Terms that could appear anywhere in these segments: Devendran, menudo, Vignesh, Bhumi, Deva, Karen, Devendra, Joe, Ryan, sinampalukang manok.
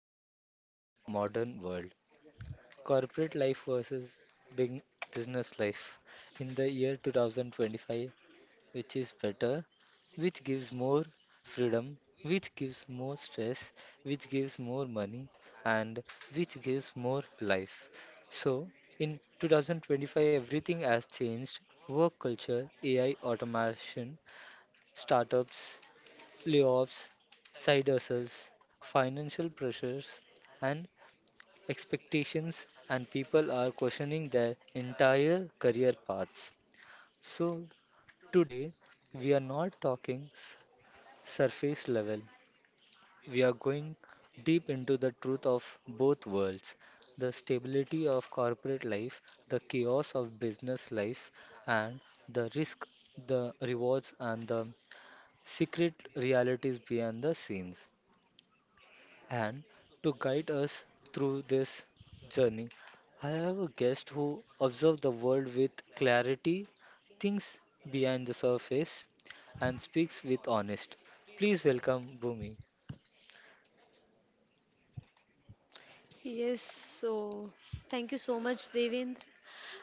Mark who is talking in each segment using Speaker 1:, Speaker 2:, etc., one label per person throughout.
Speaker 1: of lives in the modern world: corporate life versus big business life. In the year 2025, which is better? Which gives more freedom, which gives more stress, which gives more money, and which gives more life? So, in 2025, everything has changed: work culture, AI automation, startups, layoffs, side hustles, financial pressures, and expectations, and people are questioning their entire career paths. So, today, we are not talking surface level. We are going deep into the truth of both worlds: the stability of corporate life, the chaos of business life, and the risk, the rewards, and the secret realities behind the scenes. And to guide us through this journey, I have a guest who observes the world with clarity, thinks behind the surface, and speaks with honest. Please welcome Bhumi.
Speaker 2: Yes, so thank you so much, Devendra.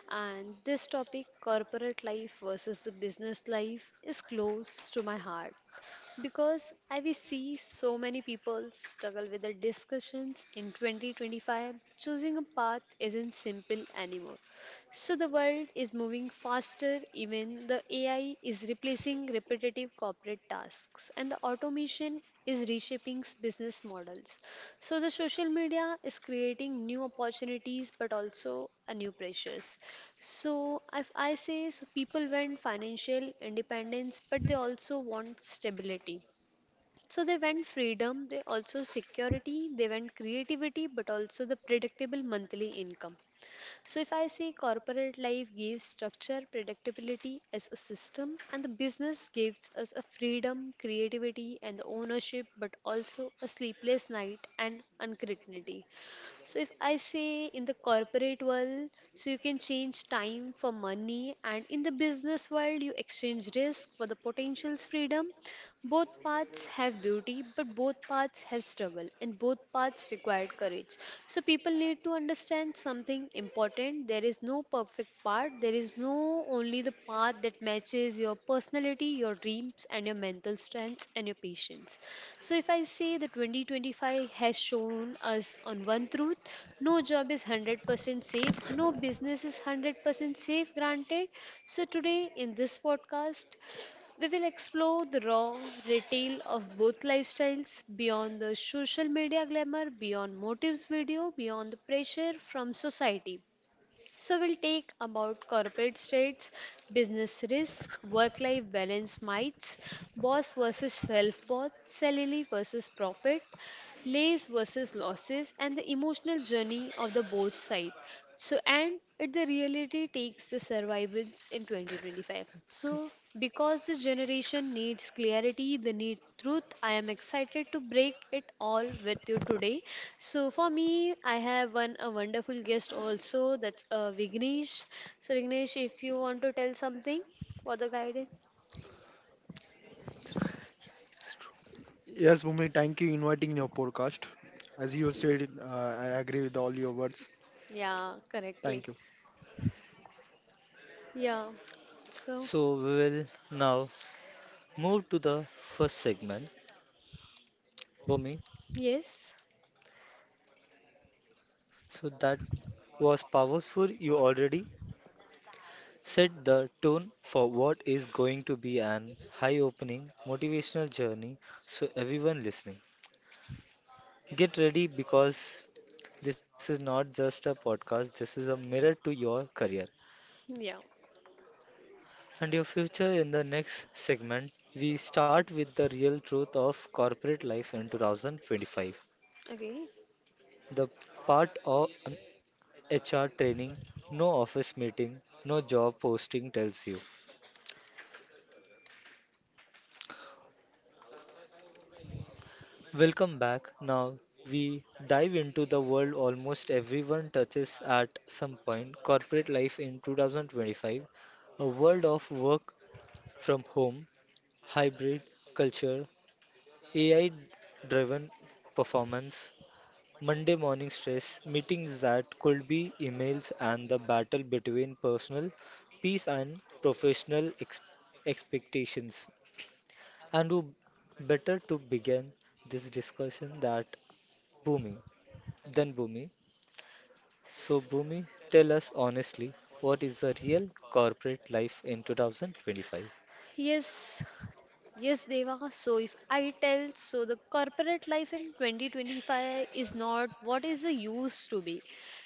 Speaker 2: And this topic, corporate life versus the business life, is close to my heart because I will see so many people struggle with the discussions in 2025. Choosing a path isn't simple anymore. So the world is moving faster, even the AI is replacing repetitive corporate tasks, and the automation is reshaping business models. So the social media is creating new opportunities but also a new pressures. So, if I say so, people want financial independence, but they also want stability. So, they want freedom, they also security, they want creativity, but also the predictable monthly income. So, if I say corporate life gives structure, predictability as a system, and the business gives us a freedom, creativity, and the ownership, but also a sleepless night and uncertainty. So if I say in the corporate world, so you can change time for money, and in the business world, you exchange risk for the potential's freedom. Both paths have beauty, but both paths have struggle, and both paths required courage. So, people need to understand something important. There is no perfect path, there is no only the path that matches your personality, your dreams, and your mental strengths and your patience. So, if I say the 2025 has shown us on one truth, no job is 100% safe, no business is 100% safe, granted. So, today in this podcast, we will explore the raw retail of both lifestyles beyond the social media glamour, beyond motives video, beyond the pressure from society. So we'll take about corporate states, business risk, work-life balance myths, boss versus self-boss, salary versus profit, Lays versus losses and the emotional journey of the both side. So and it the reality takes the survivals in 2025. So because the generation needs clarity, they need truth. I am excited to break it all with you today. So for me, I have one a wonderful guest also. That's Vignesh. So Vignesh, if you want to tell something for the guidance,
Speaker 1: It's true. Yeah, it's true.
Speaker 3: Yes, Bhumi, thank you inviting your podcast. As you said, I agree with all your words.
Speaker 2: yeah, correctly.
Speaker 3: Thank you.
Speaker 2: Yeah. So
Speaker 1: So we will now move to the first segment, Bhumi.
Speaker 2: yes,
Speaker 1: So that was powerful. You already set the tone for what is going to be an eye-opening motivational journey. So everyone listening, get ready, because this is not just a podcast, this is a mirror to your career
Speaker 2: yeah.
Speaker 1: and your future. In the next segment, we start with the real truth of corporate life in 2025.
Speaker 2: Okay.
Speaker 1: The part of an HR training, no office meeting, no job posting tells you. Welcome back. Now we dive into the world almost everyone touches at some point: corporate life in 2025, a world of work from home hybrid culture, AI driven performance, Monday morning stress, meetings that could be emails, and the battle between personal peace and professional expectations. And who better to begin this discussion that Bhumi than Bhumi? So,
Speaker 2: S-
Speaker 1: Bhumi, tell us honestly, what is the real corporate life in 2025?
Speaker 2: Yes, yes, Deva. So if I tell, so the corporate life in 2025 is not what is it used to be.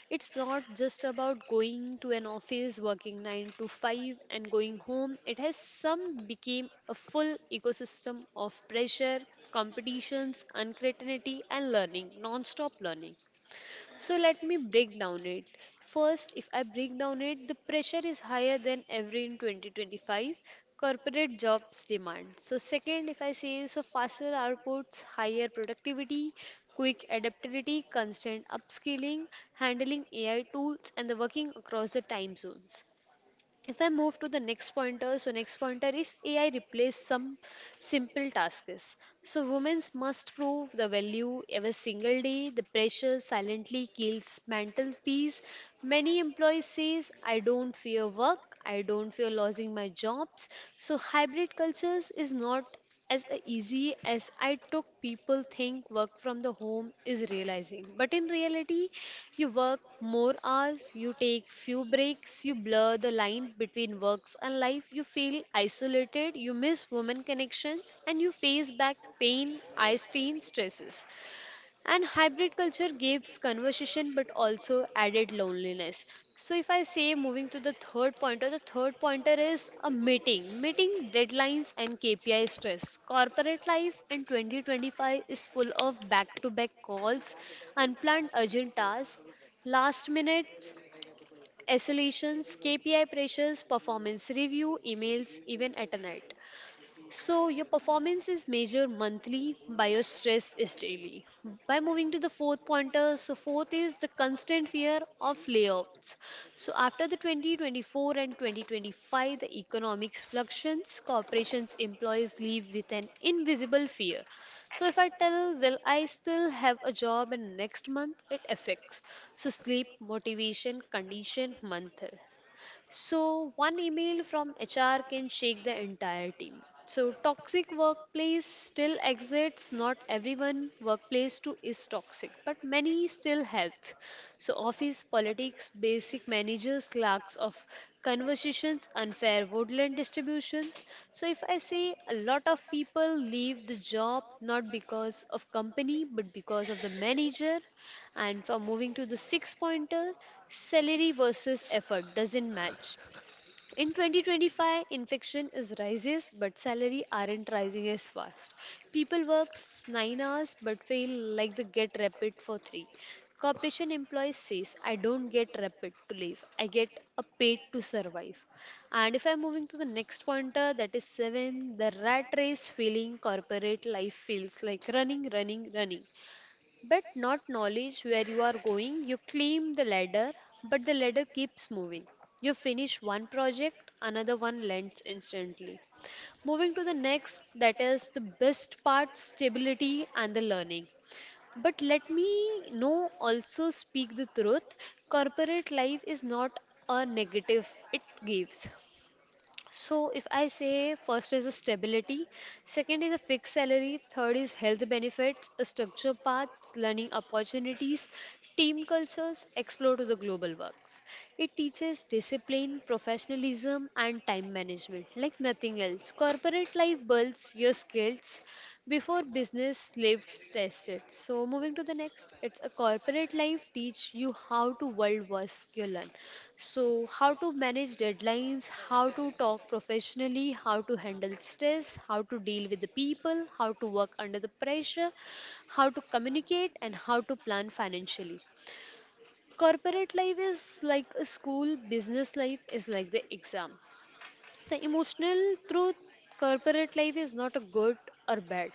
Speaker 2: It's not just about going to an office, working 9 to 5 and going home. It has some became a full ecosystem of pressure, competitions, uncertainty and learning, non-stop learning. So let me break down it. First, if I break down it, the pressure is higher than ever in 2025. Corporate jobs demand. So second, if I say so, faster outputs, higher productivity, quick adaptability, constant upskilling, handling AI tools, and the working across the time zones. If I move to the next pointer, so next pointer is AI replace some simple tasks. So women must prove the value every single day. The pressure silently kills mental peace. Many employees says, I don't fear work. I don't fear losing my jobs. So hybrid cultures is not as a easy as I took people think work from the home is realizing. But in reality, you work more hours, you take few breaks, you blur the line between works and life, you feel isolated, you miss women connections, and you face back pain, eye strain, stresses. And hybrid culture gives conversation but also added loneliness. So, if I say moving to the third pointer is a meeting deadlines and KPI stress. Corporate life in 2025 is full of back to back calls, unplanned urgent tasks, last minute isolations, KPI pressures, performance review, emails, even at night. So your performance is measured monthly, by your stress is daily. By moving to the fourth pointer, so fourth is the constant fear of layoffs. So after the 2024 and 2025, the economics fluctuations, corporations, employees leave with an invisible fear. So if I tell, will I still have a job in next month? It affects. So sleep, motivation, condition, mental. So, one email from HR can shake the entire team. So, toxic workplace still exists. Not everyone workplace too is toxic, but many still helps. So, office politics, basic managers, clerks of conversations, unfair woodland distributions. So, if I say a lot of people leave the job not because of company but because of the manager, and for moving to the sixth pointer, salary versus effort doesn't match. In 2025, infection is rises, but salary aren't rising as fast. People work 9 hours but feel like they get rapid for 3. Corporation employees says, I don't get rapid to live. I get a paid to survive. And if I'm moving to the next pointer, that is 7, the rat race feeling corporate life feels like running but not knowledge where you are going. You climb the ladder, but the ladder keeps moving. You finish one project, another one lands instantly. Moving to the next, that is the best part stability and the learning. But let me know also speak the truth. Corporate life is not a negative, it gives. So if I say first is a stability, second is a fixed salary, third is health benefits, a structure path, learning opportunities, team cultures, explore to the global works. It teaches discipline, professionalism and time management like nothing else. Corporate life builds your skills before business lives tested. So moving to the next, it's a corporate life teach you how to world was your learn. So how to manage deadlines, how to talk professionally, how to handle stress, how to deal with the people, how to work under the pressure, how to communicate and how to plan financially corporate life is like a school business life is like the exam the emotional truth corporate life is not a good or bad.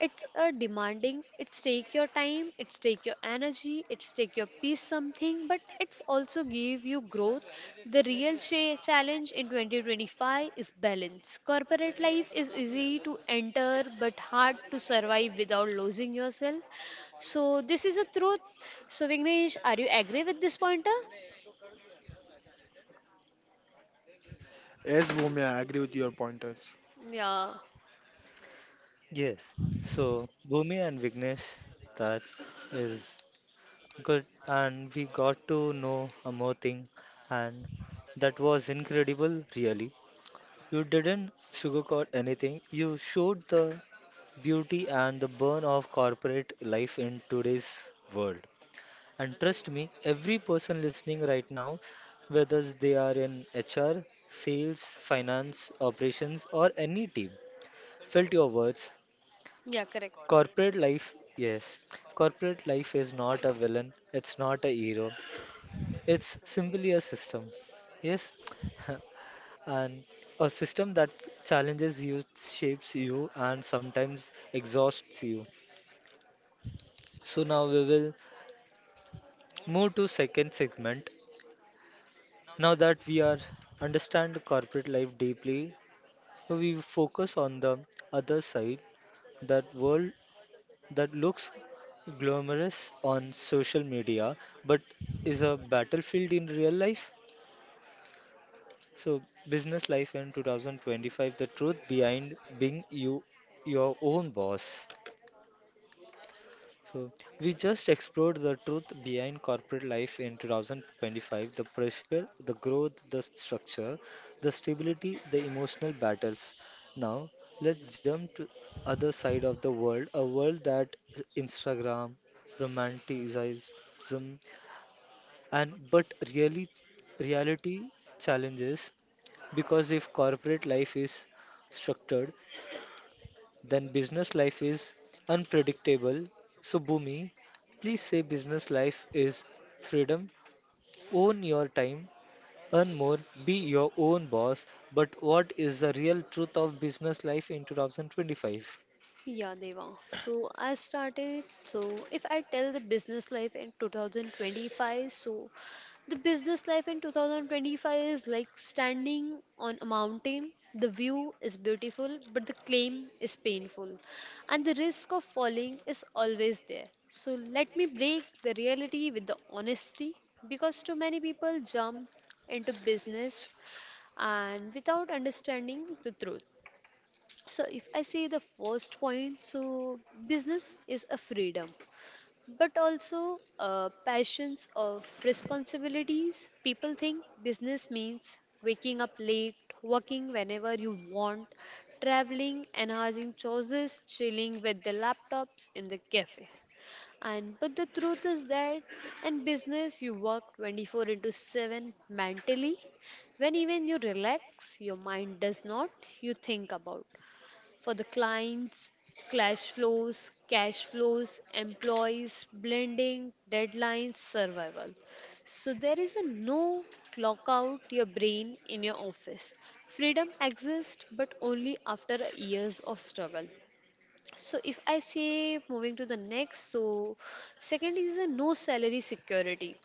Speaker 2: It's a demanding, it's take your time, it's take your energy, it's take your peace something, but it's also give you growth. The real challenge in 2025 is balance. Corporate life is easy to enter but hard to survive without losing yourself. So this is a truth. So Vignesh, are you agree with this pointer?
Speaker 3: Yes, Bhumi, I agree with your pointers.
Speaker 2: Yeah.
Speaker 1: Yes. So, Bhumi and Vignesh, that is good, and we got to know a more thing, and that was incredible, really. You didn't sugarcoat anything. You showed the beauty and the burn of corporate life in today's world. And trust me, every person listening right now, whether they are in HR, sales, finance, operations, or any team, felt your words.
Speaker 2: Yeah, correct.
Speaker 1: Corporate life, yes, corporate life is not a villain, it's not a hero, it's simply a system. Yes, and a system that challenges you, shapes you, and sometimes exhausts you. So now we will move to second segment. Now that we are understand corporate life deeply, we focus on the other side, that world that looks glamorous on social media, but is a battlefield in real life. So, business life in 2025, the truth behind being you your own boss. So, we just explored the truth behind corporate life in 2025, the pressure, the growth, the structure, the stability, the emotional battles. Now, let's jump to other side of the world, a world that Instagram, romanticism, and but really reality challenges, because if corporate life is structured, then business life is unpredictable. So, Bhumi, please say business life is freedom, own your time, earn more, be your own boss. But what is the real truth of business life in 2025?
Speaker 2: Yeah, Deva. So I started. So if I tell the business life in 2025, so the business life in 2025 is like standing on a mountain. The view is beautiful, but the climb is painful, and the risk of falling is always there. So let me break the reality with the honesty because too many people jump into business and without understanding the truth. So, if I see the first point, so business is a freedom, but also passions of responsibilities. People think business means waking up late, working whenever you want, traveling, enhancing choices, chilling with the laptops in the cafe. And but the truth is that in business you work 24 into 7 mentally. When even you relax, your mind does not, you think about for the clients, cash flows, employees, blending, deadlines, survival. So there is a no clock out your brain in your office. Freedom exists but only after years of struggle. So if I say moving to the next, so second is a no salary security.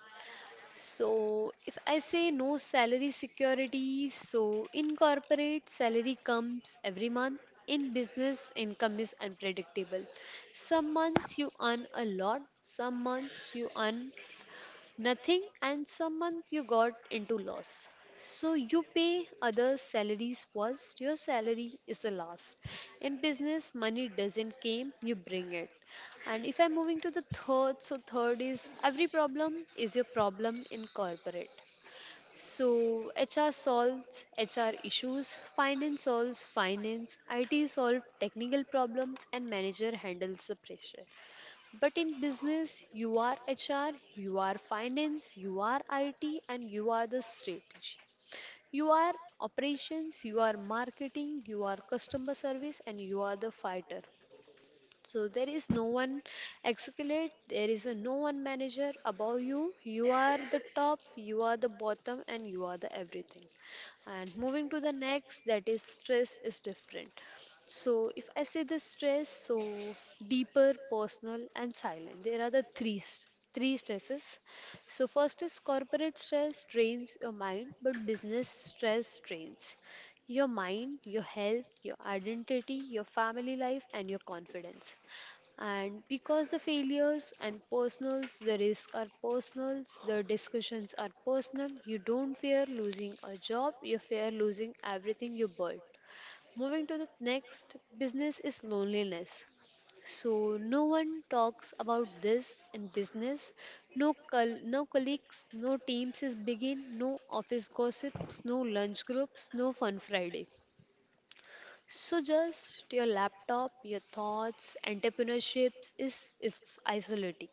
Speaker 2: So, if I say no salary security, so in corporate, salary comes every month. In business, income is unpredictable. Some months you earn a lot, some months you earn nothing and someone you got into loss. So you pay other salaries first, your salary is the last. In business, money doesn't came, you bring it. And if I'm moving to the third, so third is every problem is your problem in corporate. So HR solves HR issues, finance solves finance, IT solves technical problems, and manager handles the pressure. But in business, you are HR, you are finance, you are IT, and you are the strategy. You are operations, you are marketing, you are customer service, and you are the fighter. So there is no one escalate, there is a no one manager above you. You are the top, you are the bottom, and you are the everything. And moving to the next, that is stress is different. So if I say the stress, so deeper, personal, and silent. There are the three three stresses. So first is corporate stress drains your mind, but business stress drains your mind, your health, your identity, your family life, and your confidence. And because the failures and personals, the risks are personals, the discussions are personal, you don't fear losing a job, you fear losing everything you built. Moving to the next, business is loneliness. So no one talks about this in business. No colleagues, no teams is begin, no office gossips, no lunch groups, no fun Friday. So just your laptop, your thoughts, entrepreneurships is isolating.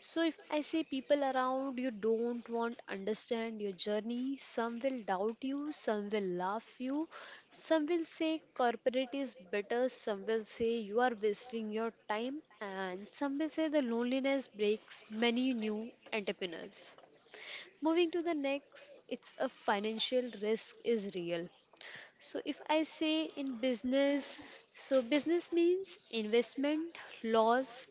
Speaker 2: So if I say people around you don't want understand your journey, some will doubt you, some will laugh you, some will say corporate is better, some will say you are wasting your time, and some will say the loneliness breaks many new entrepreneurs. Moving to the next, it's a financial risk is real. So if I say in business, so business means investment, loss,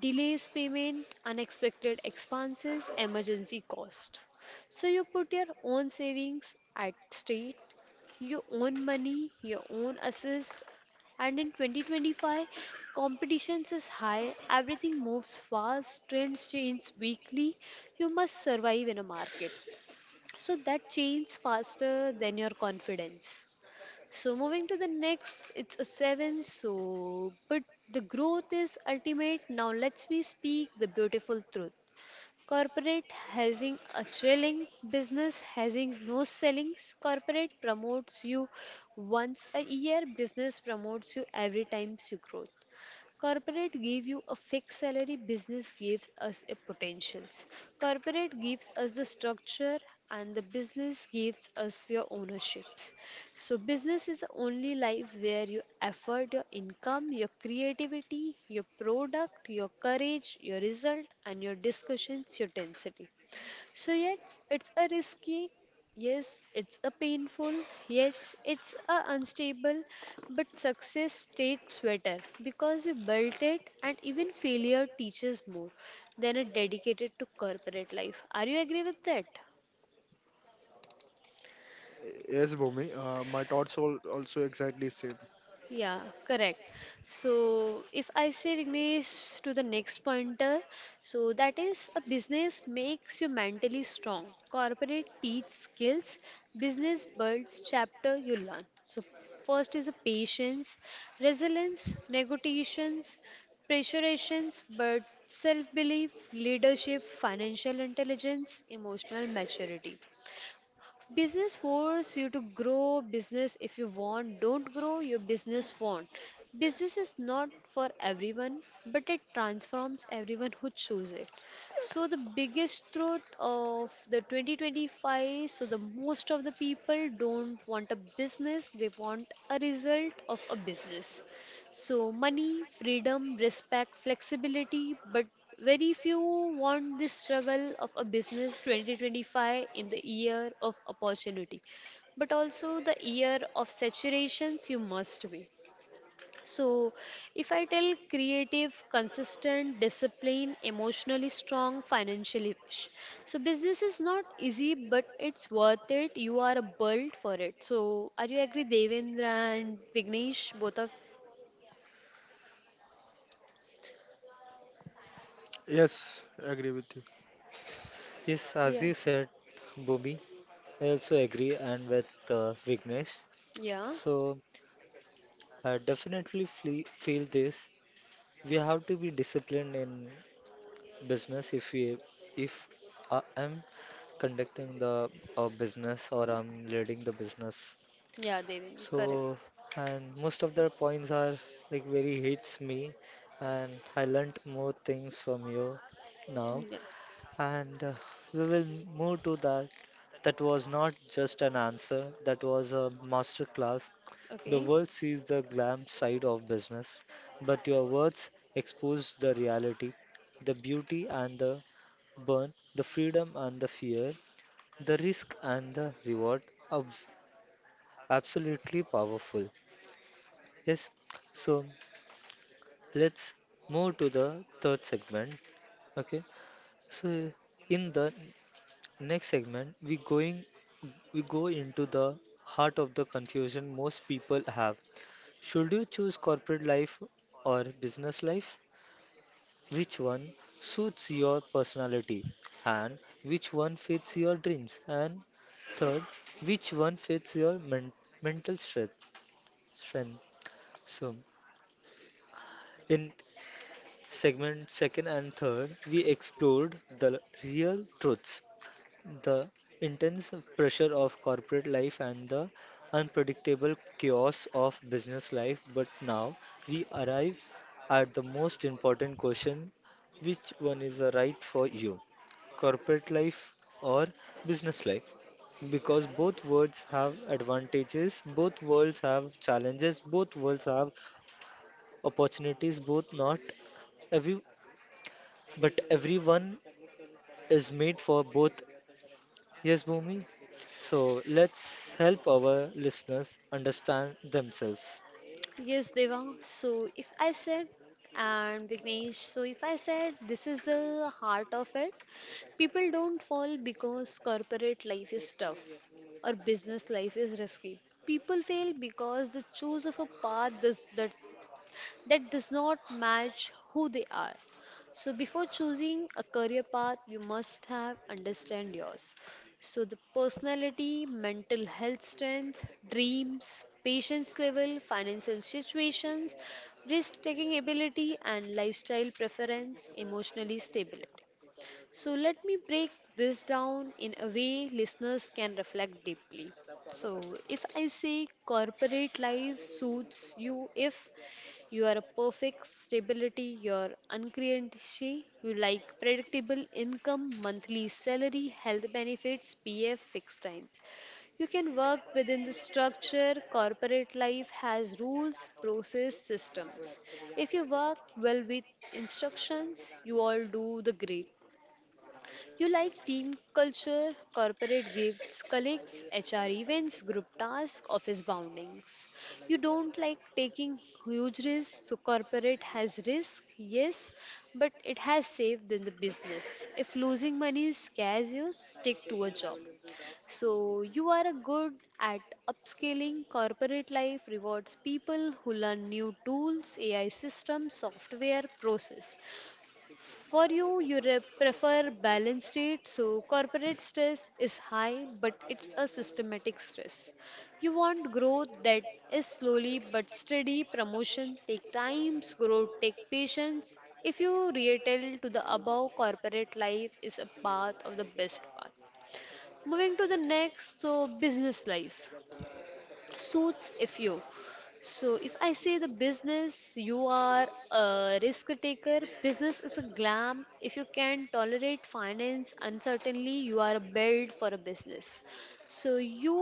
Speaker 2: delays payment, unexpected expenses, emergency cost. So you put your own savings at stake, your own money, your own assist, and in 2025, competitions is high, everything moves fast, trends change weekly, you must survive in a market. So that changes faster than your confidence. So moving to the next, it's a seven. So, but the growth is ultimate. Now let's me speak the beautiful truth. Corporate hazing a chilling, business hazing no sellings. Corporate promotes you once a year, business promotes you every time you grow. Corporate give you a fixed salary, business gives us a potentials. Corporate gives us the structure and the business gives us your ownerships. So business is the only life where you effort your income, your creativity, your product, your courage, your result and your discussions, your density. So, yes, it's a risky, yes, it's a painful, yes, it's a unstable, but success stays sweeter because you built it, and even failure teaches more than a dedicated to corporate life. Are you agree with that?
Speaker 3: Yes, Bhumi, my thoughts all also exactly same.
Speaker 2: Yeah, correct. So, if I say Vignesh to the next pointer, so that is a business makes you mentally strong. Corporate teach skills, business builds chapter you learn. So, first is a patience, resilience, negotiations, pressurations, but self belief, leadership, financial intelligence, emotional maturity. Business force you to grow business if you want. Don't grow your business won't. Business is not for everyone, but it transforms everyone who chooses it. So the biggest truth of the 2025, so the most of the people don't want a business, they want a result of a business. So money, freedom, respect, flexibility, but very few want this struggle of a business 2025 in the year of opportunity, but also the year of saturations you must be. So, if I tell creative, consistent, disciplined, emotionally strong, financially rich. So, business is not easy, but it's worth it. You are built for it. So, are you agree, Devendra and Vignesh? Both of
Speaker 3: Yes, I agree with you.
Speaker 1: Yes, as
Speaker 2: yeah,
Speaker 1: you said, Bhumi, I also agree, and with Vignesh.
Speaker 2: yeah,
Speaker 1: So, I definitely feel this. We have to be disciplined in business if I am conducting the a business or I'm leading the business.
Speaker 2: yeah, Devendra, correct.
Speaker 1: So and most of the points are like very hits me and I learnt more things from you now,
Speaker 2: Yeah,
Speaker 1: and we will move to that. That was not just an answer, that was a masterclass. The
Speaker 2: okay.
Speaker 1: world sees the glam side of business, but your words expose the reality, the beauty and the burn, the freedom and the fear, the risk and the reward. Abs- Absolutely powerful. Yes. So let's move to the third segment. Okay. So in the next segment, we go into the heart of the confusion most people have. Should you choose corporate life or business life? Which one suits your personality and which one fits your dreams? And third, which one fits your mental strength? So in segment second and third, we explored the real truths: the intense pressure of corporate life and the unpredictable chaos of business life. But now we arrive at the most important question: which one is the right for you? Corporate life or business life? Because both worlds have advantages, both worlds have challenges, both worlds have opportunities, both not every but everyone is made for both. Yes, Bhumi. So let's help our listeners understand themselves.
Speaker 2: Yes, Deva. So if I said, and Vignesh, so if I said this is the heart of it, people don't fall because corporate life is tough or business life is risky. People fail because they choose of a path this, that that does not match who they are. So before choosing a career path, you must have understand yours. So the personality, mental health strength, dreams, patience level, financial situations, risk taking ability and lifestyle preference, emotionally stability. So, let me break this down in a way listeners can reflect deeply. So, if I say corporate life suits you if you are a perfect stability, you're uncreancy, you like predictable income, monthly salary, health benefits, PF, fixed times. You can work within the structure. Corporate life has rules, process, systems. If you work well with instructions, you all do the great. You like team culture, corporate gifts, colleagues, HR events, group tasks, office boundings. You don't like taking huge risks, so corporate has risk, yes, but it has saved in the business. If losing money scares you, stick to a job. So you are a good at upscaling corporate life rewards people who learn new tools, AI systems, software, process. For you, you prefer balanced state, so corporate stress is high, but it's a systematic stress. You want growth that is slowly but steady. Promotion take times, growth take patience. If you retell to the above, corporate life is a path of the best path. Moving to the next, so business life suits if you, so if I say the business, you are a risk taker, business is a glam, if you can tolerate finance uncertainly, you are built for a business. So you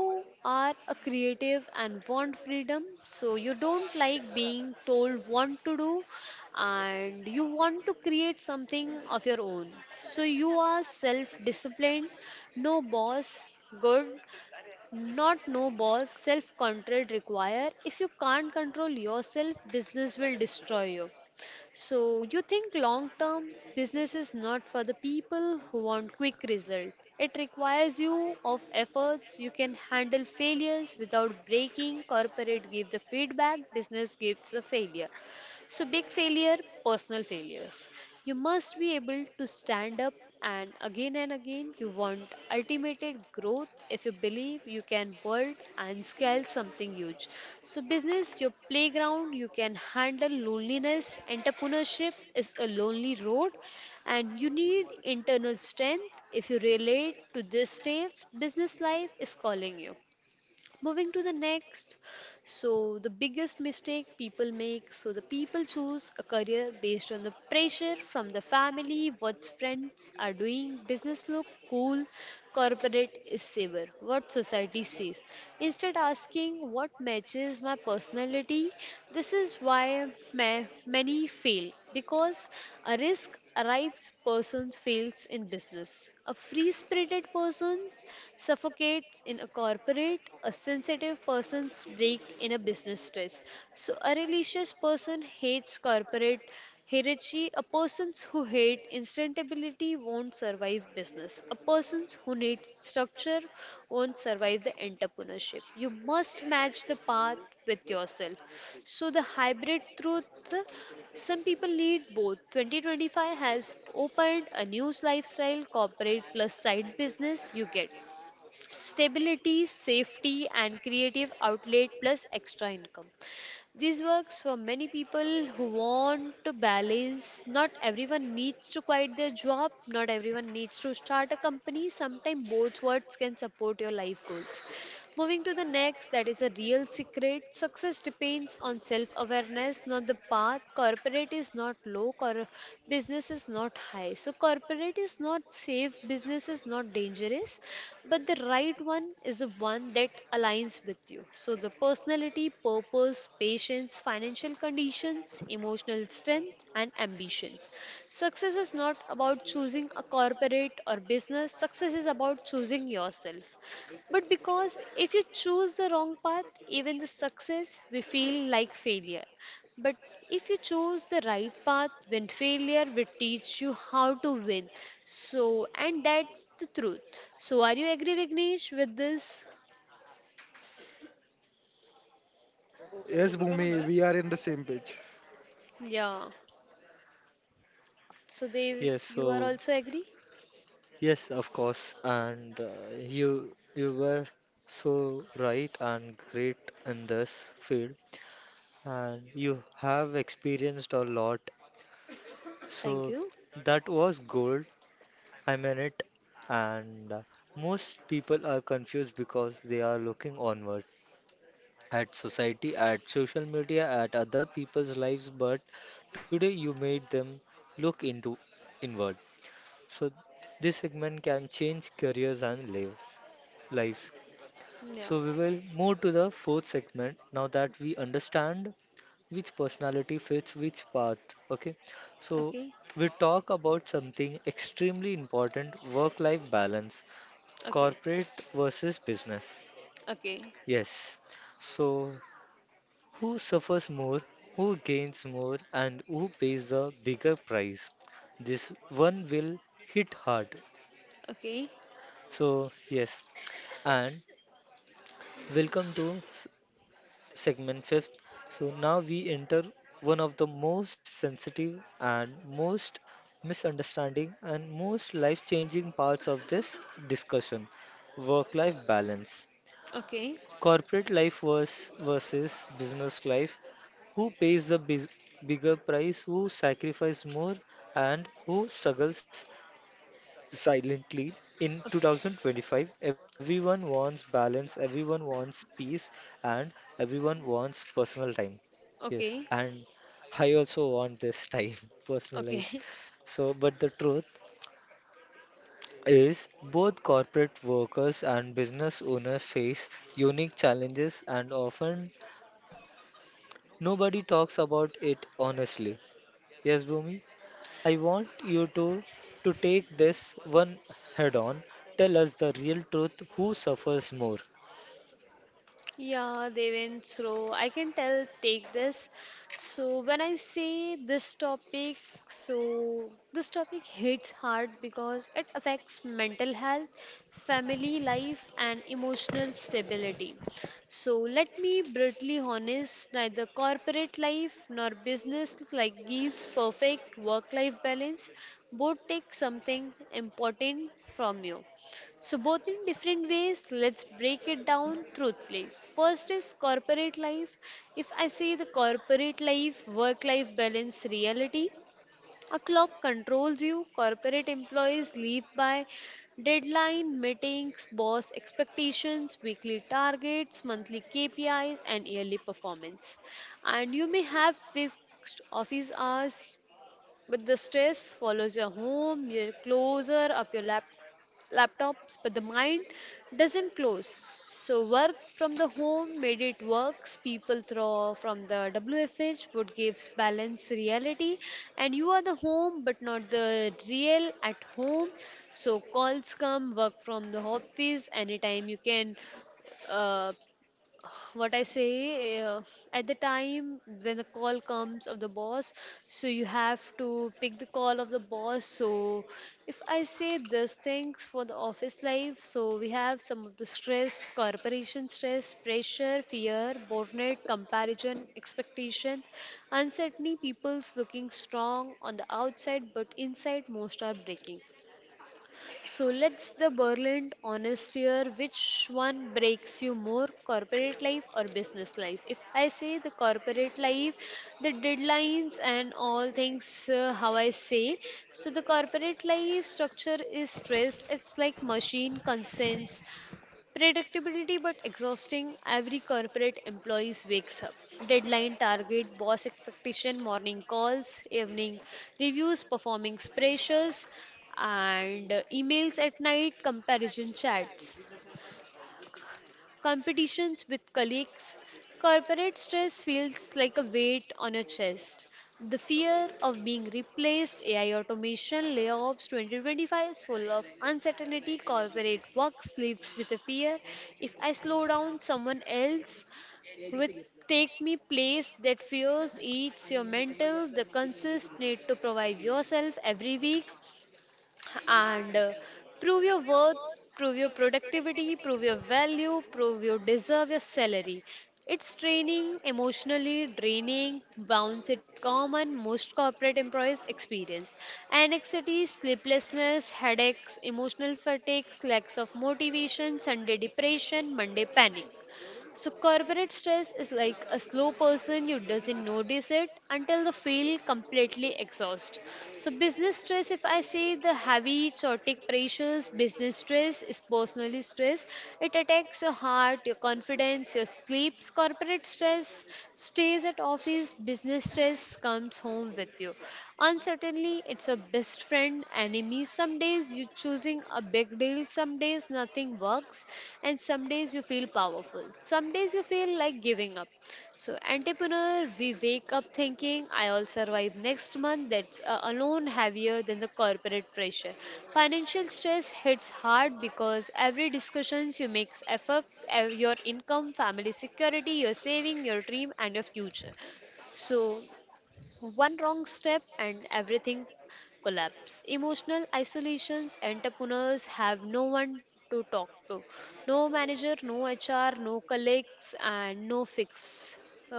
Speaker 2: are a creative and want freedom, so you don't like being told what to do, and you want to create something of your own. So you are self disciplined, no boss, good, not no boss, self control require. If you can't control yourself, business will destroy you. So you think long term business is not for the people who want quick result. It requires you of efforts. You can handle failures without breaking. Corporate give the feedback, business gives the failure. So big failure, personal failures. You must be able to stand up and again you want ultimate growth if you believe you can build and scale something huge. So business, your playground, you can handle loneliness. Entrepreneurship is a lonely road and you need internal strength. If you relate to this stage, business life is calling you. Moving to the next, so the biggest mistake people make, so the people choose a career based on the pressure from the family, what friends are doing, business look cool, corporate is safer, what society says, instead asking what matches my personality. This is why many fail because a risk arrives person fails in business, a free spirited person suffocates in a corporate, a sensitive person breaks in a business stress. So, a religious person hates corporate hierarchy. A person who hates instantability won't survive business. A person who needs structure won't survive the entrepreneurship. You must match the path with yourself. So, the hybrid truth some people lead both. 2025 has opened a new lifestyle, corporate plus side business. You get stability, safety, and creative outlet plus extra income. This works for many people who want to balance. Not everyone needs to quit their job, not everyone needs to start a company. Sometimes both words can support your life goals. Moving to the next, that is a real secret. Success depends on self awareness, not the path. Corporate is not low, business is not high. So, corporate is not safe, business is not dangerous, but the right one is the one that aligns with you. So, the personality, purpose, patience, financial conditions, emotional strength, and ambitions. Success is not about choosing a corporate or business, success is about choosing yourself. But because if you choose the wrong path, even the success we feel like failure. But if you choose the right path, then failure will teach you how to win. So, and that's the truth. So, are you agree, Vignesh, with this?
Speaker 3: Yes, Bhumi, we are in the same page.
Speaker 2: Yeah. So, Dev,
Speaker 1: Yes,
Speaker 2: you are
Speaker 1: so
Speaker 2: also agree?
Speaker 1: yes, of course, and you were so right and great in this field, and you have experienced a lot.
Speaker 2: Thank
Speaker 1: So
Speaker 2: you.
Speaker 1: that was gold. I mean it, and most people are confused because they are looking onward at society, at social media, at other people's lives, but today you made them look into inward. So this segment can change careers and lives.
Speaker 2: Yeah.
Speaker 1: So we will move to the fourth segment now that we understand which personality fits which path. Okay, so
Speaker 2: Okay.
Speaker 1: we talk about something extremely important: work-life balance,
Speaker 2: Okay.
Speaker 1: corporate versus business.
Speaker 2: Okay.
Speaker 1: Yes. So who suffers more, who gains more, and who pays the bigger price? This one will hit hard.
Speaker 2: Okay.
Speaker 1: So, yes, and welcome to segment fifth. So, now we enter one of the most sensitive and most misunderstanding and most life changing parts of this discussion: work life balance.
Speaker 2: Okay.
Speaker 1: Corporate life versus business life. Who pays the bis bigger price? Who sacrifices more? And who struggles silently? In
Speaker 2: Okay.
Speaker 1: 2025, everyone wants balance, everyone wants peace, and everyone wants personal time. Yes,
Speaker 2: Okay.
Speaker 1: and I also want this time, personal life.
Speaker 2: Okay.
Speaker 1: So, but the truth is, both corporate workers and business owners face unique challenges, and often nobody talks about it honestly. Yes, Bhumi? I want you to take this one head on. Tell us the real truth. Who suffers more?
Speaker 2: Yeah, they went through. I can tell, take this. So, when I say this topic, so this topic hits hard because it affects mental health, family life, and emotional stability. So, let me brutally honest, neither corporate life nor business like gives perfect work life balance. Both take something important from you. So, both in different ways, let's break it down truthfully. First is corporate life. If I say the corporate life, work life balance reality, a clock controls you. Corporate employees live by deadline, meetings, boss expectations, weekly targets, monthly KPIs, and yearly performance. And you may have fixed office hours, but the stress follows your home, your closer up your lap, laptops, but the mind doesn't close. So work from the home made it works. People throw from the WFH would gives balance reality, and you are the home but not the real at home. So calls come, work from the office anytime you can. Uh, what I say, at the time when the call comes of the boss, so you have to pick the call of the boss. So if I say these things for the office life, so we have some of the stress, corporation stress, pressure, fear, burnout, comparison, expectations, uncertainty. People's looking strong on the outside, but inside most are breaking. So let's the Berlin honest here. Which one breaks you more, corporate life or business life? If I say the corporate life, the deadlines and all things, how I say. So the corporate life structure is stress. It's like machine consents. Predictability but exhausting. Every corporate employees wakes up. Deadline target, boss expectation, morning calls, evening reviews, performance pressures, and emails at night, comparison chats competitions with colleagues. Corporate stress feels like a weight on your chest. The fear of being replaced, AI automation, layoffs 2025 is full of uncertainty. Corporate work sleeps with a fear. If I slow down, someone else with take me place that fears eats your mental the consist need to provide yourself every week and prove your worth, prove your productivity, prove your value, prove you deserve your salary. It's draining, emotionally draining, bounce it common most corporate employees experience. Anxiety, sleeplessness, headaches, emotional fatigues, lacks of motivation, Sunday depression, Monday panic. So corporate stress is like a slow person you doesn't notice it until the feel completely exhaust. So business stress, if I say the heavy chaotic pressures, business stress is personally stress. It attacks your heart, your confidence, your sleeps. Corporate stress stays at office. Business stress comes home with you. Uncertainly, it's a best friend, enemy. Some days you choosing a big deal, some days nothing works, and some days you feel powerful. Some days you feel like giving up. So, entrepreneur, we wake up thinking, I'll survive next month. That's alone heavier than the corporate pressure. Financial stress hits hard because every discussions you make affect your income, family security, your saving, your dream, and your future. So one wrong step and everything collapse. Emotional isolations, entrepreneurs have no one to talk to. No manager, no HR, no colleagues, and no fix.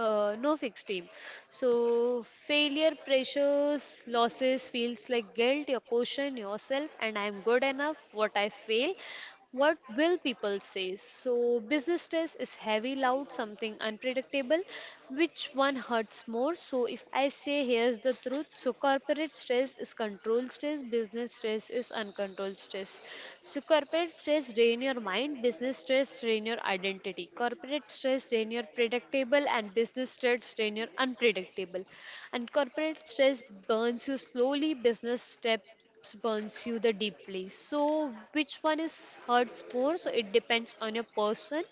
Speaker 2: No fixed team. So failure pressures, losses feels like guilt. You question yourself, and I'm good enough. What I fail, what will people say so business stress is heavy loud something unpredictable which one hurts more so if I say here's the truth. So corporate stress is controlled stress, business stress is uncontrolled stress. So corporate stress drain your mind, business stress drain your identity. Corporate stress drain your predictable and business stress drain your unpredictable. And corporate stress burns you slowly, business step burns you the deeply. So which one is hurts more? So it depends on your person.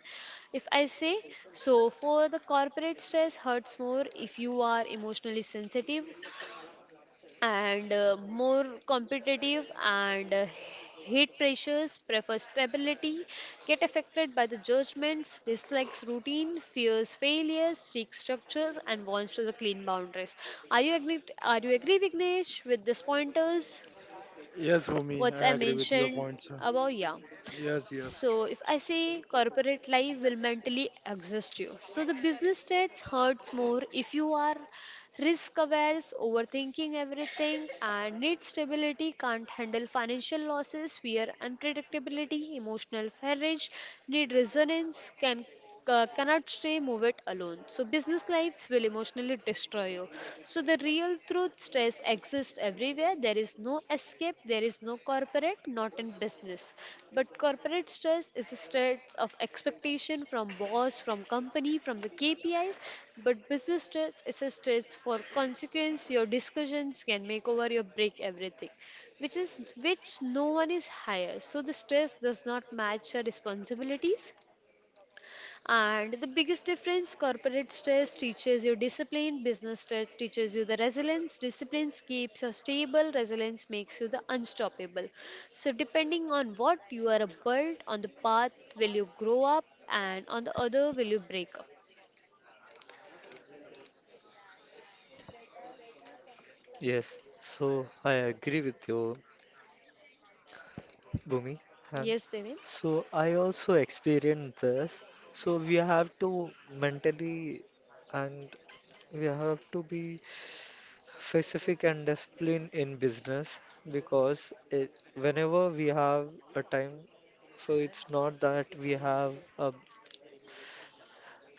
Speaker 2: If I say, so for the corporate stress hurts more if you are emotionally sensitive and more competitive and hate pressures, prefer stability, get affected by the judgments, dislikes routine, fears failures, seeks structures, and wants to the clean boundaries. Are you agree Vignesh with these pointers,
Speaker 3: Yes, Bhumi,
Speaker 2: what I
Speaker 3: I agree with your
Speaker 2: mentioned
Speaker 3: points, sir.
Speaker 2: about? Yeah.
Speaker 3: Yes, yes.
Speaker 2: So if I say corporate life will mentally exhaust you. So the business stage hurts more if you are risk aware, overthinking everything and need stability, can't handle financial losses, fear unpredictability, emotional courage, need resonance, cannot stay move it alone. So business lives will emotionally destroy you. So the real truth stress voice exists everywhere. There is no escape. There is no corporate, not in business. But corporate stress is a stress of expectation from boss, from company, from the KPIs. But business stress is a stress for consequence. Your discussions can make over your break everything, which is which no one is higher. So the stress does not match your responsibilities. And the biggest difference, corporate stress teaches you discipline, business stress teaches you the resilience. Discipline keeps you stable, resilience makes you the unstoppable. So, depending on what you are built, on the path will you grow up, and on the other will you break up.
Speaker 1: Yes, so I agree with you, Bhumi. And
Speaker 2: Yes, Devin?
Speaker 1: so I also experienced this. So we have to mentally and we have to be specific and discipline in business because it, whenever we have a time, so it's not that we have a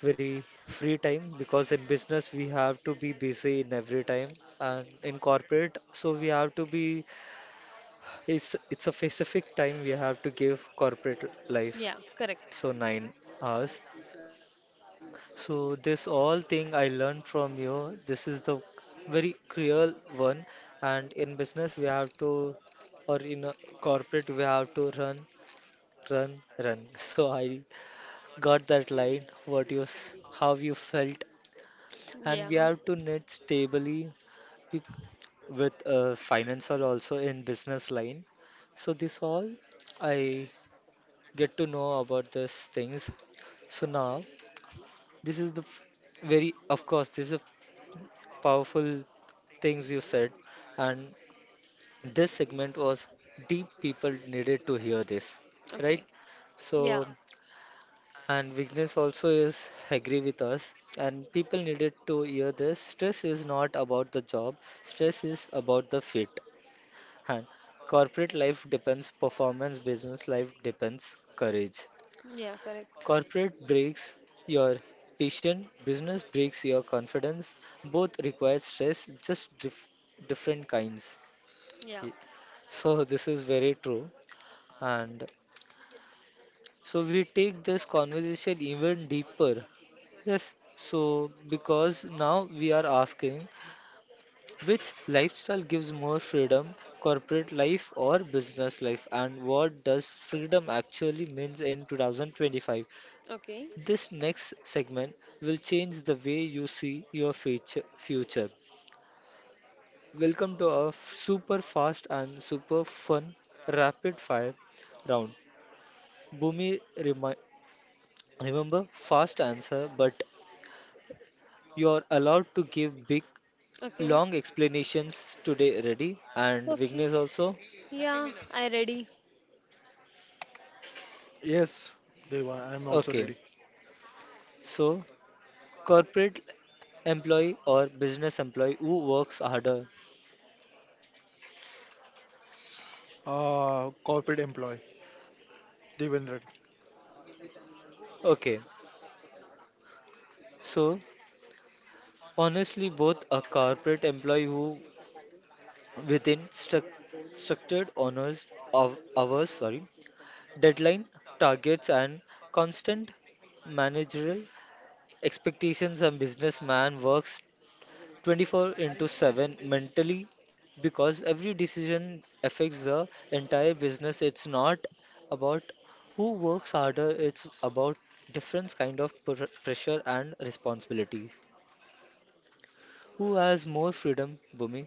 Speaker 1: very free time, because in business we have to be busy in every time, and in corporate so we have to be it's a specific time we have to give corporate life,
Speaker 2: Yeah, correct.
Speaker 1: so 9 hours. So this all thing I learned from you. This is the very cruel one, and in business we have to, or in a corporate we have to run, run, run. So I got that line. What you, how you felt, and
Speaker 2: Yeah,
Speaker 1: we have to knit stably bec- with financial also in business line. So this all I get to know about these things. So now this is the very of course this is powerful things you said, and this segment was deep. People needed to hear this, right?
Speaker 2: okay. Yeah,
Speaker 1: So, and Vignesh also is agree with us, and people needed to hear this. Stress is not about the job, stress is about the fit. And corporate life depends performance, business life depends courage.
Speaker 2: yeah, correct.
Speaker 1: Corporate breaks your patience, business breaks your confidence. Both require stress, just different kinds.
Speaker 2: Yeah,
Speaker 1: Y- So this is very true. And so we take this conversation even deeper. Yes. So because now we are asking which lifestyle gives more freedom, corporate life or business life, and what does freedom actually means in 2025?
Speaker 2: okay,
Speaker 1: This next segment will change the way you see your future. Welcome to our super fast and super fun rapid fire round. Bhumi, remember, fast answer, but you're allowed to give big,
Speaker 2: okay,
Speaker 1: long explanations today. Ready? And
Speaker 2: okay.
Speaker 1: Vignesh also?
Speaker 2: Yeah, I ready.
Speaker 3: Yes, Deva, I am also
Speaker 1: Okay.
Speaker 3: ready.
Speaker 1: So, corporate employee or business employee, who works harder?
Speaker 3: Corporate employee, Devendran.
Speaker 1: Okay. So, honestly, both a corporate employee who within structured honors of hours, sorry, deadline, targets, and constant managerial expectations. A businessman works 24 into 7 mentally because every decision affects the entire business. It's not about who works harder, it's about different kind of pr pressure and responsibility. Who has more freedom, Bhumi?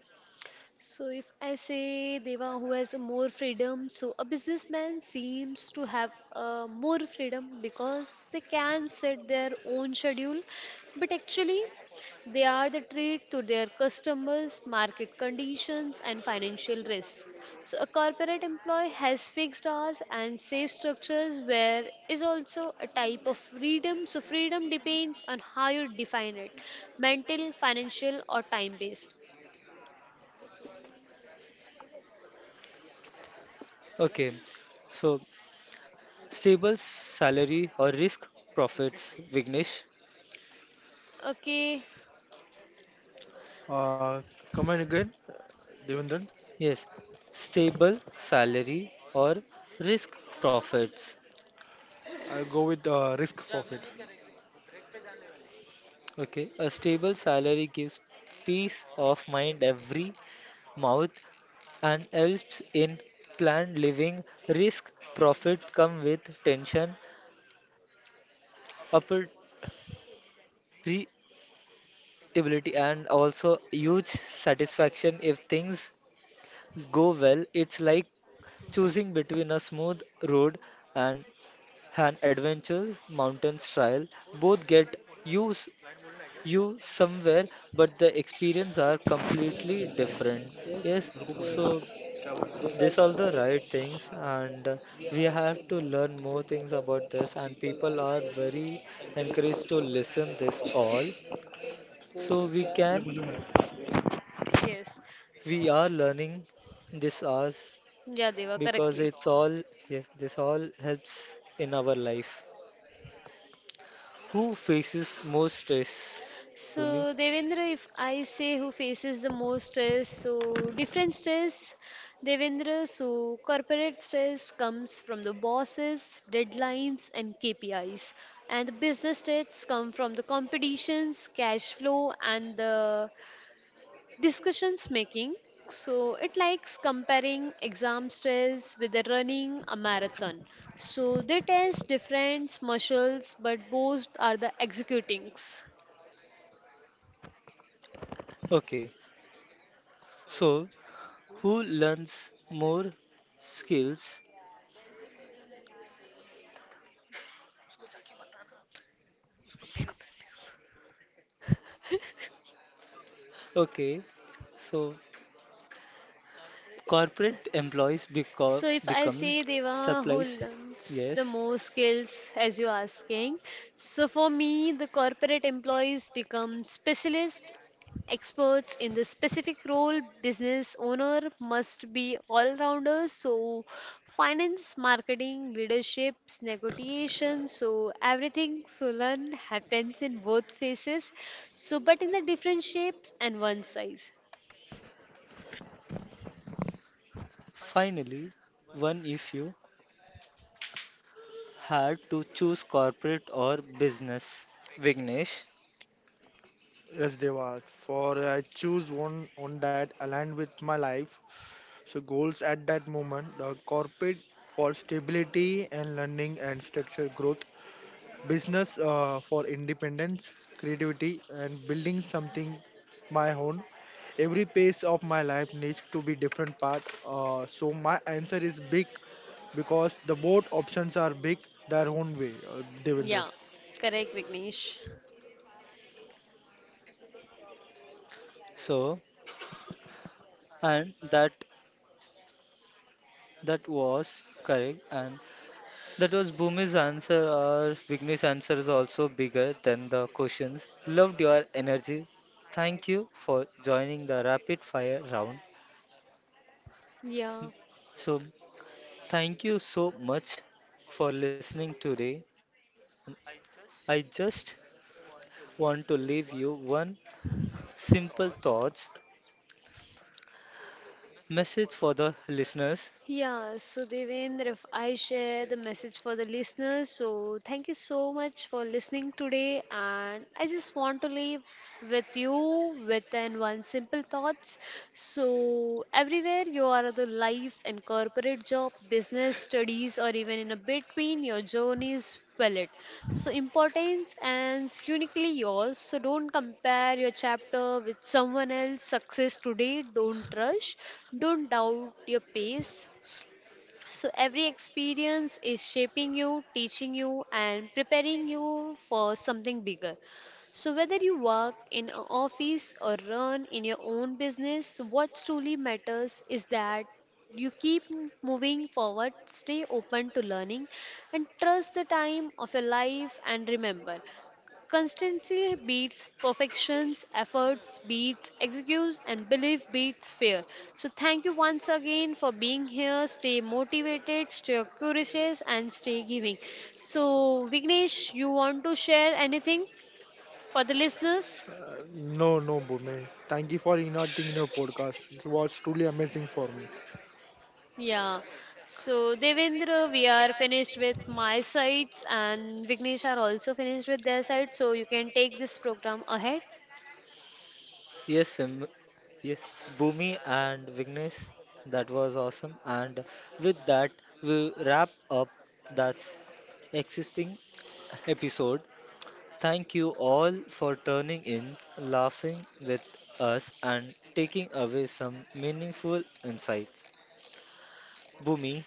Speaker 2: So if I say Deva, who has more freedom? So a businessman seems to have more freedom because they can set their own schedule, but actually they are the trade to their customers, market conditions, and financial risk. So a corporate employee has fixed hours and safe structures, where is also a type of freedom. So freedom depends on how you define it, mental, financial, or time based.
Speaker 1: Okay, so stable salary or risk profits, Vignesh?
Speaker 2: Okay.
Speaker 3: Uh, Come in again, Devendran.
Speaker 1: Yes, stable salary or risk profits.
Speaker 3: I go with risk profit.
Speaker 1: Okay, a stable salary gives peace of mind every month and helps in planned living. Risk profit come with tension, opportunity, and also huge satisfaction if things go well. It's like choosing between a smooth road and and adventures, mountains trial, both get you you somewhere but the experience
Speaker 2: Yes,
Speaker 1: are completely
Speaker 2: because
Speaker 1: different.
Speaker 2: this
Speaker 1: Yes,
Speaker 2: also right, and
Speaker 1: so these are
Speaker 2: uh,
Speaker 1: the right things, and
Speaker 2: we
Speaker 1: we
Speaker 2: have to
Speaker 1: have to
Speaker 2: learn
Speaker 1: learn
Speaker 2: more
Speaker 1: more
Speaker 2: things
Speaker 1: things
Speaker 2: about
Speaker 1: about
Speaker 2: this.
Speaker 1: this,
Speaker 2: And
Speaker 1: and
Speaker 2: people are
Speaker 1: people are
Speaker 2: very
Speaker 1: very
Speaker 2: encouraged
Speaker 1: encouraged to
Speaker 2: to this
Speaker 1: listen this all,
Speaker 2: in this call, so
Speaker 1: so
Speaker 2: we
Speaker 1: we can
Speaker 2: can. Yes.
Speaker 1: we are learning this hours
Speaker 2: Yeah, they were
Speaker 1: because
Speaker 2: correctly.
Speaker 1: it's all, yes, this all helps in our life. Who faces more stress, Bhumi?
Speaker 2: So, Devendra, if I say who faces the most stress, so different stress, Devendra, so corporate stress comes from the bosses, deadlines, and KPIs, and the business stress come from the competitions, cash flow, and the discussions making. So, it likes comparing exam stress with the running a marathon. So, they test different muscles, but both are the executings.
Speaker 1: Okay, so who learns more skills? Okay, so corporate employees
Speaker 2: So if I
Speaker 1: become
Speaker 2: say Deva who
Speaker 1: supplies.
Speaker 2: learns the
Speaker 1: Yes.
Speaker 2: most skills as you're asking, so for me the corporate employees become specialist experts in the specific role. Business owner must be all rounders. So finance, marketing, leaderships, negotiations, so everything so learn happens in both phases. So but in the different shapes and one size.
Speaker 1: Finally, one, if you had to choose corporate or business, Vignesh?
Speaker 3: Yes, Deva. For I choose one that aligned with my life. So goals at that moment, the corporate for stability and learning and structure growth, business for independence, creativity, and building something my own. Every phase of my life needs to be different part. So my answer is big because the both options are big their own way, Devendra.
Speaker 2: Yeah. Correct, Vignesh.
Speaker 1: So, and that that was correct. And that was Bhumi's answer. Our Vignesh answer is also bigger than the questions. Loved your energy. Thank you for joining the rapid fire round.
Speaker 2: Yeah.
Speaker 1: So, thank you so much for listening today. I just want to leave you one simple thoughts message for the listeners.
Speaker 2: Yeah, so Devendra, if I share the message for the listeners, so thank you so much for listening today. And I just want to leave with you with an one simple thoughts. So everywhere you are the life and corporate job, business, studies, or even in a between, your journey is valid. So importance and uniquely yours. So don't compare your chapter with someone else's success today. Don't rush. Don't doubt your pace so, every experience is shaping you, teaching you, and preparing you for something bigger. So, whether you work in an office or run in your own business, what truly matters is that you keep moving forward, stay open to learning, and trust the time of your life. And remember, constancy beats perfections, efforts beats excuse, and belief beats fear. So, thank you once again for being here. Stay motivated, stay curious, and stay giving. So, Vignesh, you want to share anything for the listeners?
Speaker 3: No, no, Bhumi. Thank you for inviting your podcast. It was truly amazing for me.
Speaker 2: Yeah. So, Devendra, we are finished with my sides, and Vignesh are also finished with their side. So, you can take this program ahead.
Speaker 1: Yes, Sim. Yes, Bhumi and Vignesh, that was awesome. And with that, we wrap up that's existing episode. Thank you all for turning in, laughing with us, and taking away some meaningful insights. Bhumi,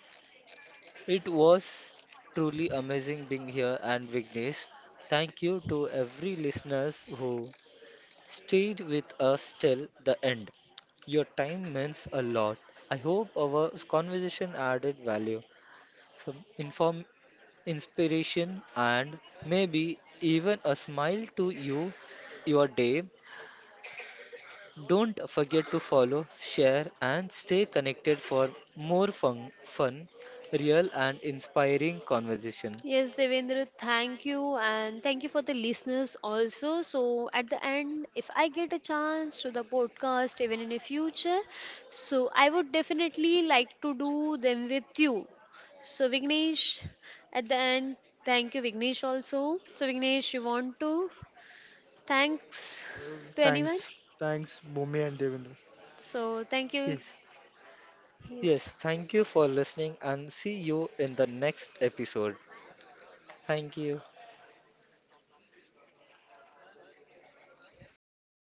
Speaker 1: it was truly amazing being here, and Vignesh, thank you to every listeners who stayed with us till the end. Your time means a lot. I hope our conversation added value, some inform inspiration and maybe even a smile to you your day. Don't forget to follow, share and stay connected for more fun, real and inspiring conversation.
Speaker 2: Yes, Devendra, thank you, and thank you for the listeners also. So, at the end, if I get a chance to the podcast, even in the future, so I would definitely like to do them with you. So, Vignesh, at the end, thank you, Vignesh, also. So, Vignesh, you want to thanks to anyone?
Speaker 3: Thanks. Thanks, Bhumi and Devendra.
Speaker 2: So, thank you.
Speaker 1: Yes.
Speaker 2: Yes.
Speaker 1: Yes, thank you for listening and see you in the next episode. Thank you.